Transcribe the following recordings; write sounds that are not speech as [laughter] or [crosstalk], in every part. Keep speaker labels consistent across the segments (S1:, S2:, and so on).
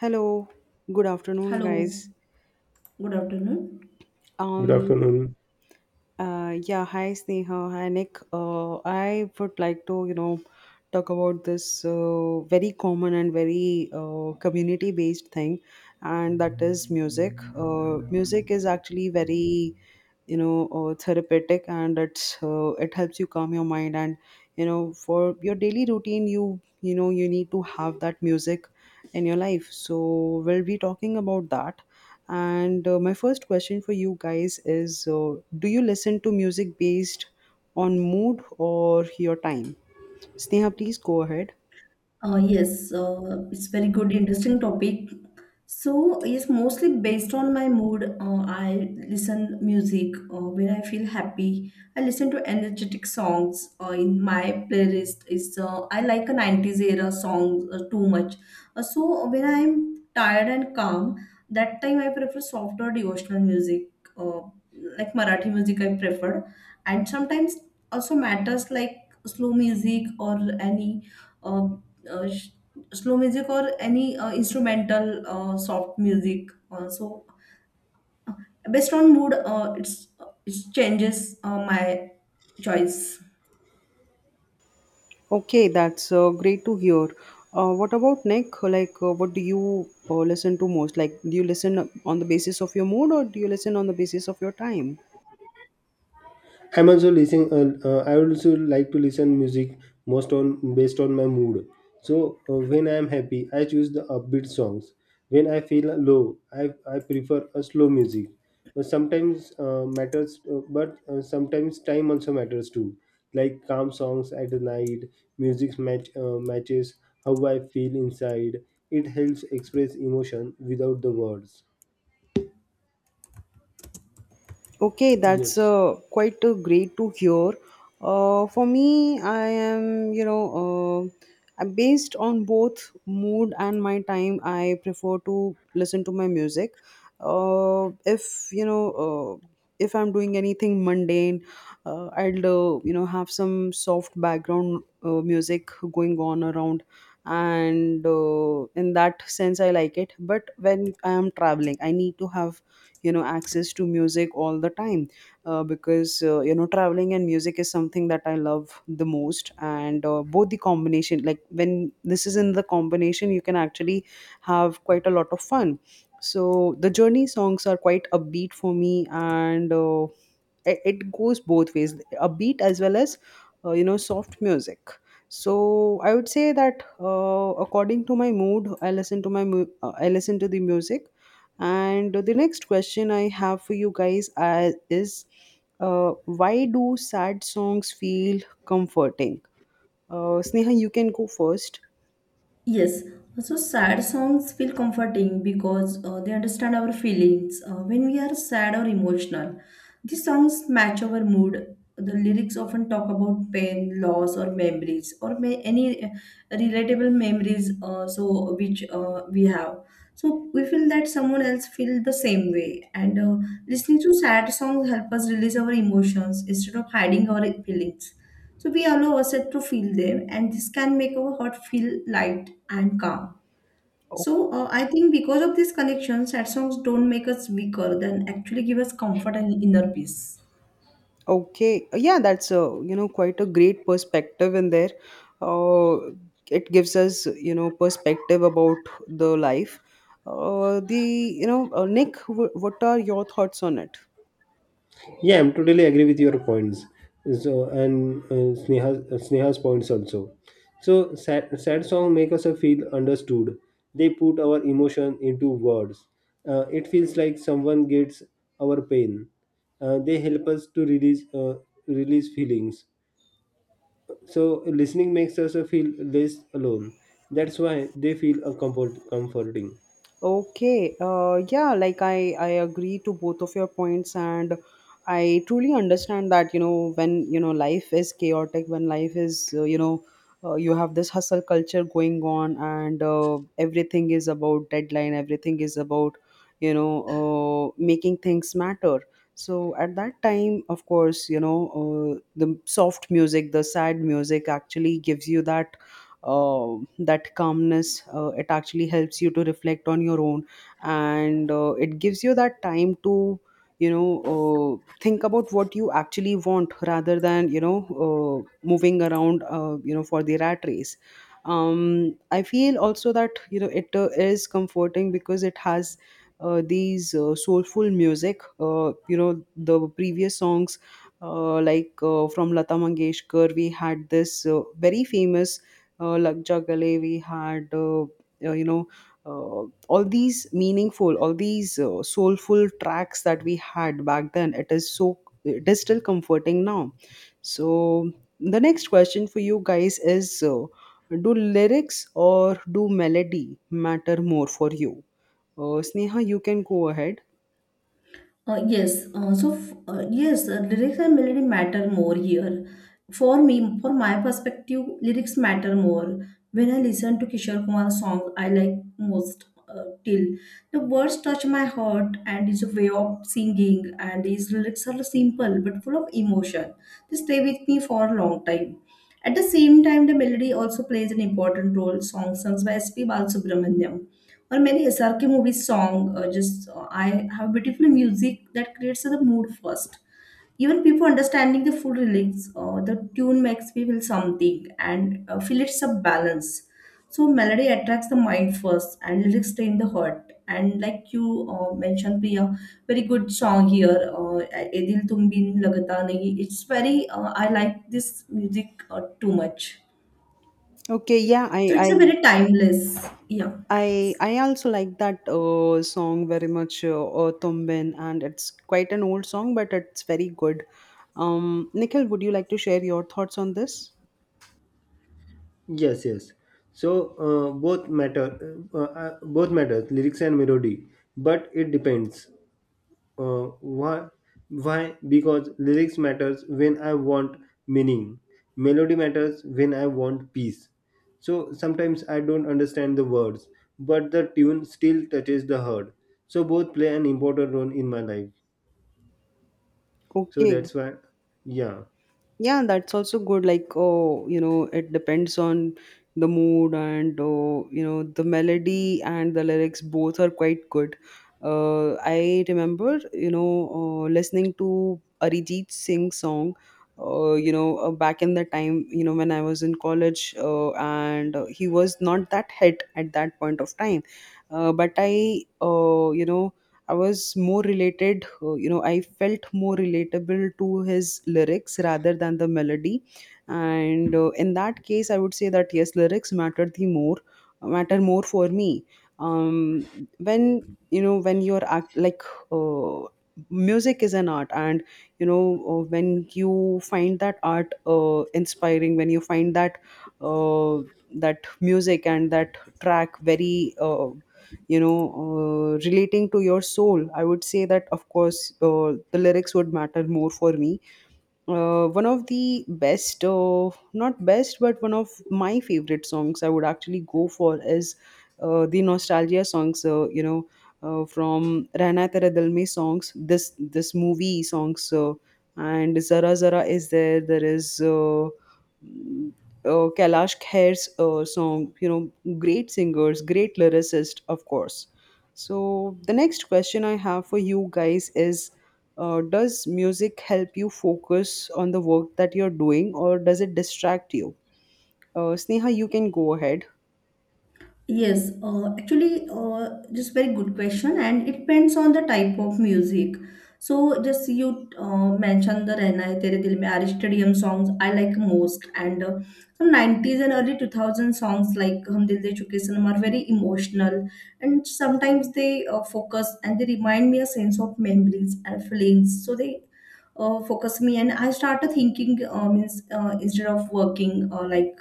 S1: Hello, good afternoon,
S2: Hello,
S1: guys.
S2: good afternoon.
S3: Good
S1: Um,
S3: afternoon.
S1: yeah, hi Sneha, hi Nick. I would like to talk about this very common and very community-based thing, and that is music. Music is actually very therapeutic, and it helps you calm your mind. And for your daily routine, you need to have that music in your life, so we'll be talking about that. And my first question for you guys is, do you listen to music based on mood or your time? Sneha, please go ahead.
S2: Yes, it's very good, interesting topic. So yes, mostly based on my mood, I listen music when I feel happy. I listen to energetic songs. In my playlist is I like a nineties era songs too much. So when I'm tired and calm, that time I prefer softer devotional music, uh, like Marathi music I prefer, and sometimes also matters like slow music or any. Uh, uh, sh- Slow music or any instrumental soft music. So based on mood, it changes my choice.
S1: Okay, that's great to hear. What about Nick? Like, what do you listen to most? Like, do you listen on the basis of your mood, or do you listen on the basis of your time?
S3: I'm also listening. I would also like to listen music most on based on my mood. So when I am happy, I choose the upbeat songs. When I feel low, I prefer a slow music. But sometimes time also matters too. Like calm songs at the night, music matches how I feel inside. It helps express emotion without the words.
S1: Okay, that's
S3: Yes.
S1: quite great to hear. For me, I am, you know, I'm based on both mood and my time. I prefer to listen to my music. If, you know, uh, if I'm doing anything mundane, I'll, have some soft background music going on around. And in that sense, I like it. But when I am traveling, I need to have access to music all the time, because traveling and music is something that I love the most, and both the combination, like when this is in the combination, you can actually have quite a lot of fun. So the journey songs are quite upbeat for me, and it goes both ways, a beat as well as soft music. So I would say that, according to my mood, I listen to the music. And the next question I have for you guys, is, why do sad songs feel comforting? Sneha, you can go first.
S2: Yes, also sad songs feel comforting because they understand our feelings when we are sad or emotional. These songs match our mood. The lyrics often talk about pain, loss, or memories, or may any relatable memories. So which we have, so we feel that someone else feel the same way, and Listening to sad songs help us release our emotions instead of hiding our feelings. So we allow ourselves to feel them, and this can make our heart feel light and calm. So I think because of this connection, sad songs don't make us weaker; than actually give us comfort and inner peace.
S1: Okay. Yeah, that's quite a great perspective in there. Uh, it gives us, you know, perspective about the life. Uh, the, Nick, what are your thoughts on it?
S3: Yeah, I'm totally agree with your points. So and Sneha's points also. So sad song make us feel understood. They put our emotion into words. It feels like someone gets our pain. They help us to release feelings. So listening makes us feel less alone. That's why they feel comforting.
S1: Okay, yeah, like I agree to both of your points, and I truly understand that, when life is chaotic, when life is you know you have this hustle culture going on, and everything is about deadline, everything is about, making things matter. So at that time, of course, the soft music, the sad music actually gives you uh, that calmness. It actually helps you to reflect on your own, and it gives you that time to, you know uh, think about what you actually want, rather than, moving around, for the rat race. I feel also that, it is comforting because it has these soulful music, the previous songs, from Lata Mangeshkar. We had this very famous Lakja Gale, we had, all these meaningful, all these soulful tracks that we had back then. it is still comforting now. So, the next question for you guys is, do lyrics or do melody matter more for you? Sneha, you can go ahead.
S2: Lyrics and melody matter more here. For me, for my perspective, lyrics matter more. When I listen to Kishore Kumar's song, I like most till the words touch my heart and his way of singing and his lyrics are simple but full of emotion. They stay with me for a long time. At the same time, the melody also plays an important role. Songs sung by S.P. Balasubramaniam or many SRK movie song just I have beautiful music that creates the mood first. Even people understanding the full lyrics, the tune makes me feel something and feel it's a balance. So melody attracts the mind first, and lyrics stay in the heart. And like you mentioned, Priya, very good song here. "ए दिल तुम बिन लगता नहीं." It's very. I like this music too much.
S1: Okay, yeah,
S2: So
S1: I,
S2: it's a
S1: I
S2: very timeless. Yeah.
S1: I I also like that song very much, Tumbin, and it's quite an old song, but it's very good. Nikhil, would you like to share your thoughts on this?
S3: Yes, yes. So both matters, lyrics and melody. But it depends. Uh, why? Why? Because lyrics matters when I want meaning. Melody matters when I want peace. So sometimes I don't understand the words, but the tune still touches the heart. So both play an important role in my life. So
S1: Okay,
S3: that's why, yeah.
S1: yeah, that's also good. Like, oh, it depends on the mood. And oh, the melody and the lyrics both are quite good. I remember, listening to Arijit Singh song, back in the time, when I was in college, and he was not that hit at that point of time. But I was more related. I felt more relatable to his lyrics rather than the melody. And in that case, I would say that yes, lyrics matter more for me. Um, when when you're act, like, uh, music is an art, and, when you find that art inspiring, when you find uh, that music and that track very, relating to your soul, I would say that, of course, the lyrics would matter more for me. One of the best not best but one of my favorite songs I would actually go for is the nostalgia songs, from Rehna Tera Dil Mein songs, this movie songs, and Zara Zara is there is Kailash Khair's song, you know, great singers, great lyricist, of course. So, the next question I have for you guys is, does music help you focus on the work that you're doing, or does it distract you? Sneha, you can go ahead.
S2: Just very good question, and it depends on the type of music. So, just you mentioned the "Rehna Hai Tere Dil Mein" are stadium songs I like most, and some 90s and early 2000 songs like "Hum Dil De Chuke Sanam" are very emotional, and sometimes they focus and they remind me a sense of memories and feelings. So they focus me, and I started thinking means instead of working like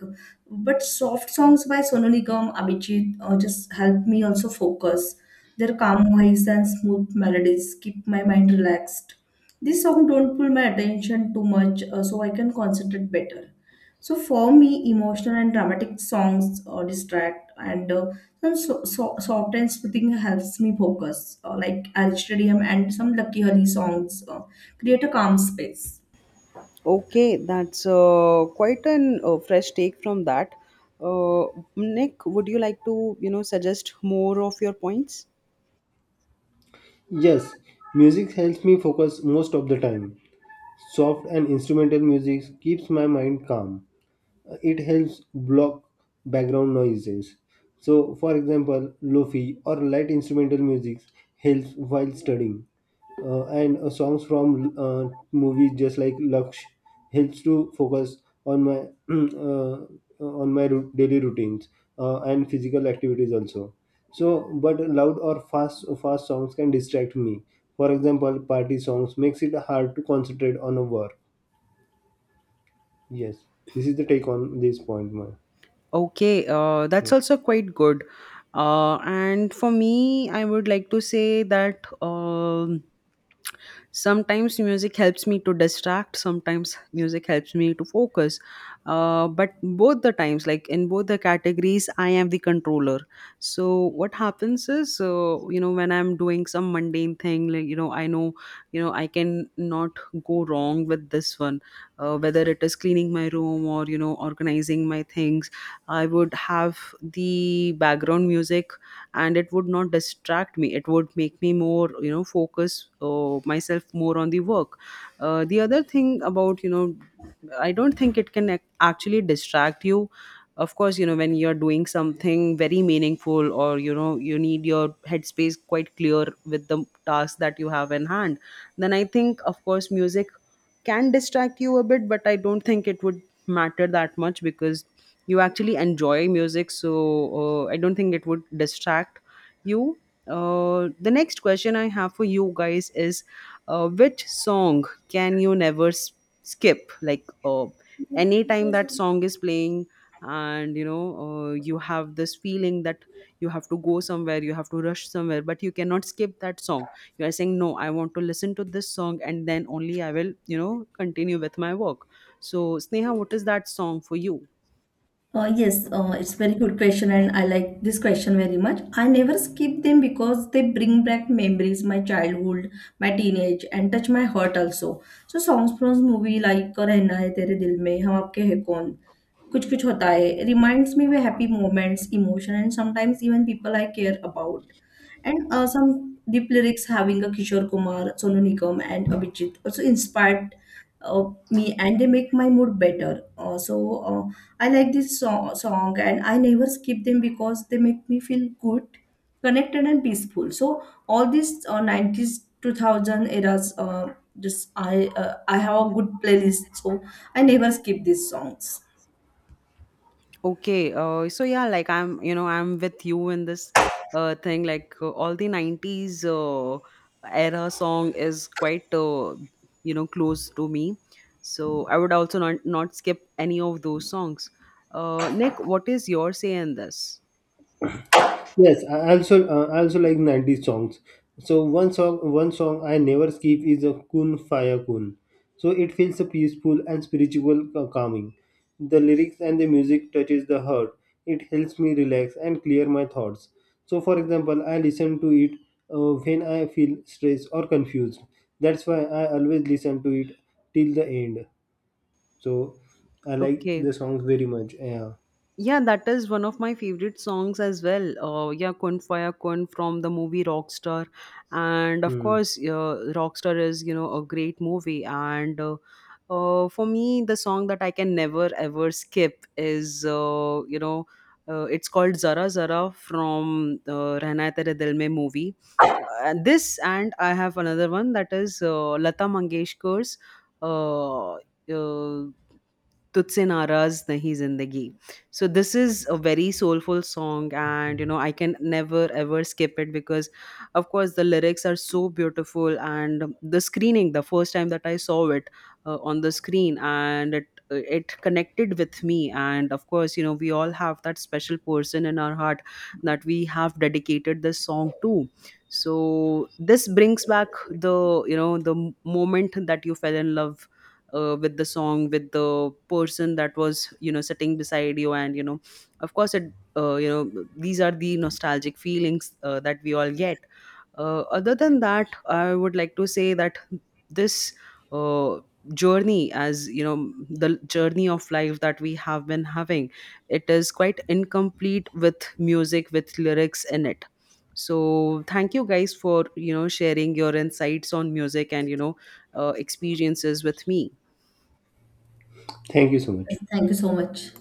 S2: but soft songs by Sonu Nigam, Abhijit just help me also focus. Their calm voice and smooth melodies keep my mind relaxed. This song don't pull my attention too much, so I can concentrate better. So for me, emotional and dramatic songs distract, and soft and soothing helps me focus, like Al Stadium and some Lucky Hari songs create a calm space.
S1: Okay, that's quite an fresh take from that. Uh, Nick, would you like to, suggest more of your points?
S3: Yes, music helps me focus most of the time. Soft and instrumental music keeps my mind calm, it helps block background noises. So, for example, lofi or light instrumental music helps while studying, and songs from movies just like Laksh helps to focus on my [clears throat] uh, daily routines and physical activities also. So, but loud or fast songs can distract me. For example, party songs makes it hard to concentrate on a work. Yes, this is the take on this point, my.
S1: Okay, that's also quite good. And for me, I would like to say that. Sometimes music helps me to distract, sometimes music helps me to focus, but both the times, like in both the categories, I am the controller. So what happens is, when I'm doing some mundane thing, like, I know, I can not go wrong with this one, whether it is cleaning my room or, organizing my things, I would have the background music, and it would not distract me. It would make me more, focus myself more on the work. The other thing about, I don't think it can actually distract you. Of course, when you're doing something very meaningful, or, you need your headspace quite clear with the task that you have in hand, then I think, of course, music can distract you a bit, but I don't think it would matter that much, because you actually enjoy music. So I don't think it would distract you. The next question I have for you guys is, which song can you never skip, like, anytime that song is playing, and, you have this feeling that you have to go somewhere, you have to rush somewhere, but you cannot skip that song. You are saying, no, I want to listen to this song, and then only I will, continue with my work. So Sneha, what is that song for you?
S2: Yes, it's very good question, and I like this question very much. I never skip them because they bring back memories, my childhood, my teenage, and touch my heart also. So songs from movie like "Rehna Hai Tere Dil Mein," "हम आपके हैं कौन," "कुछ कुछ होता है" reminds me of happy moments, emotion, and sometimes even people I care about. And some deep lyrics having a Kishore Kumar, Sonu Nigam, and Abhijit also inspired me, and they make my mood better. Uh, I like this song and I never skip them because they make me feel good, connected and peaceful. So all these 90s 2000 eras just I have a good playlist so I never skip these songs.
S1: Okay, so yeah, like I'm with you in this thing. Like all the '90s era song is quite, close to me. So I would also not skip any of those songs. Nick, what is your say in this?
S3: Yes, I also like 90s songs. So one song I never skip is a Kun Faya Kun. So it feels a peaceful and spiritual calming. The lyrics and the music touches the heart. It helps me relax and clear my thoughts. So for example, I listen to it when I feel stressed or confused. That's why I always listen to it till the end. So I like the
S1: Okay.
S3: songs very much. Yeah.
S1: Yeah, that is one of my favorite songs as well. Yeah, Kun Faya Kun from the movie Rockstar. And of
S3: Hmm.
S1: course, Rockstar is, a great movie. And for me, the song that I can never ever skip is, it's called Zara Zara from Rehna Hai Tere Dil Mein movie. This, and I have another one that is Lata Mangeshkar's, uh, uh, तुझसे नाराज नहीं जिंदगी. So this is a very soulful song, and, I can never ever skip it, because, of course, the lyrics are so beautiful, and the screening, the first time that I saw it on the screen, and it connected with me. And of course, we all have that special person in our heart that we have dedicated this song to. So this brings back the, the moment that you fell in love with the song, with the person that was, sitting beside you, and, of course, it, these are the nostalgic feelings that we all get. Other than that, I would like to say that this uh, journey, as you know, the journey of life that we have been having, it is quite incomplete with music, with lyrics in it. So thank you guys for, sharing your insights on music, and, experiences with me.
S3: Thank you so much.
S2: Yes, thank you so much.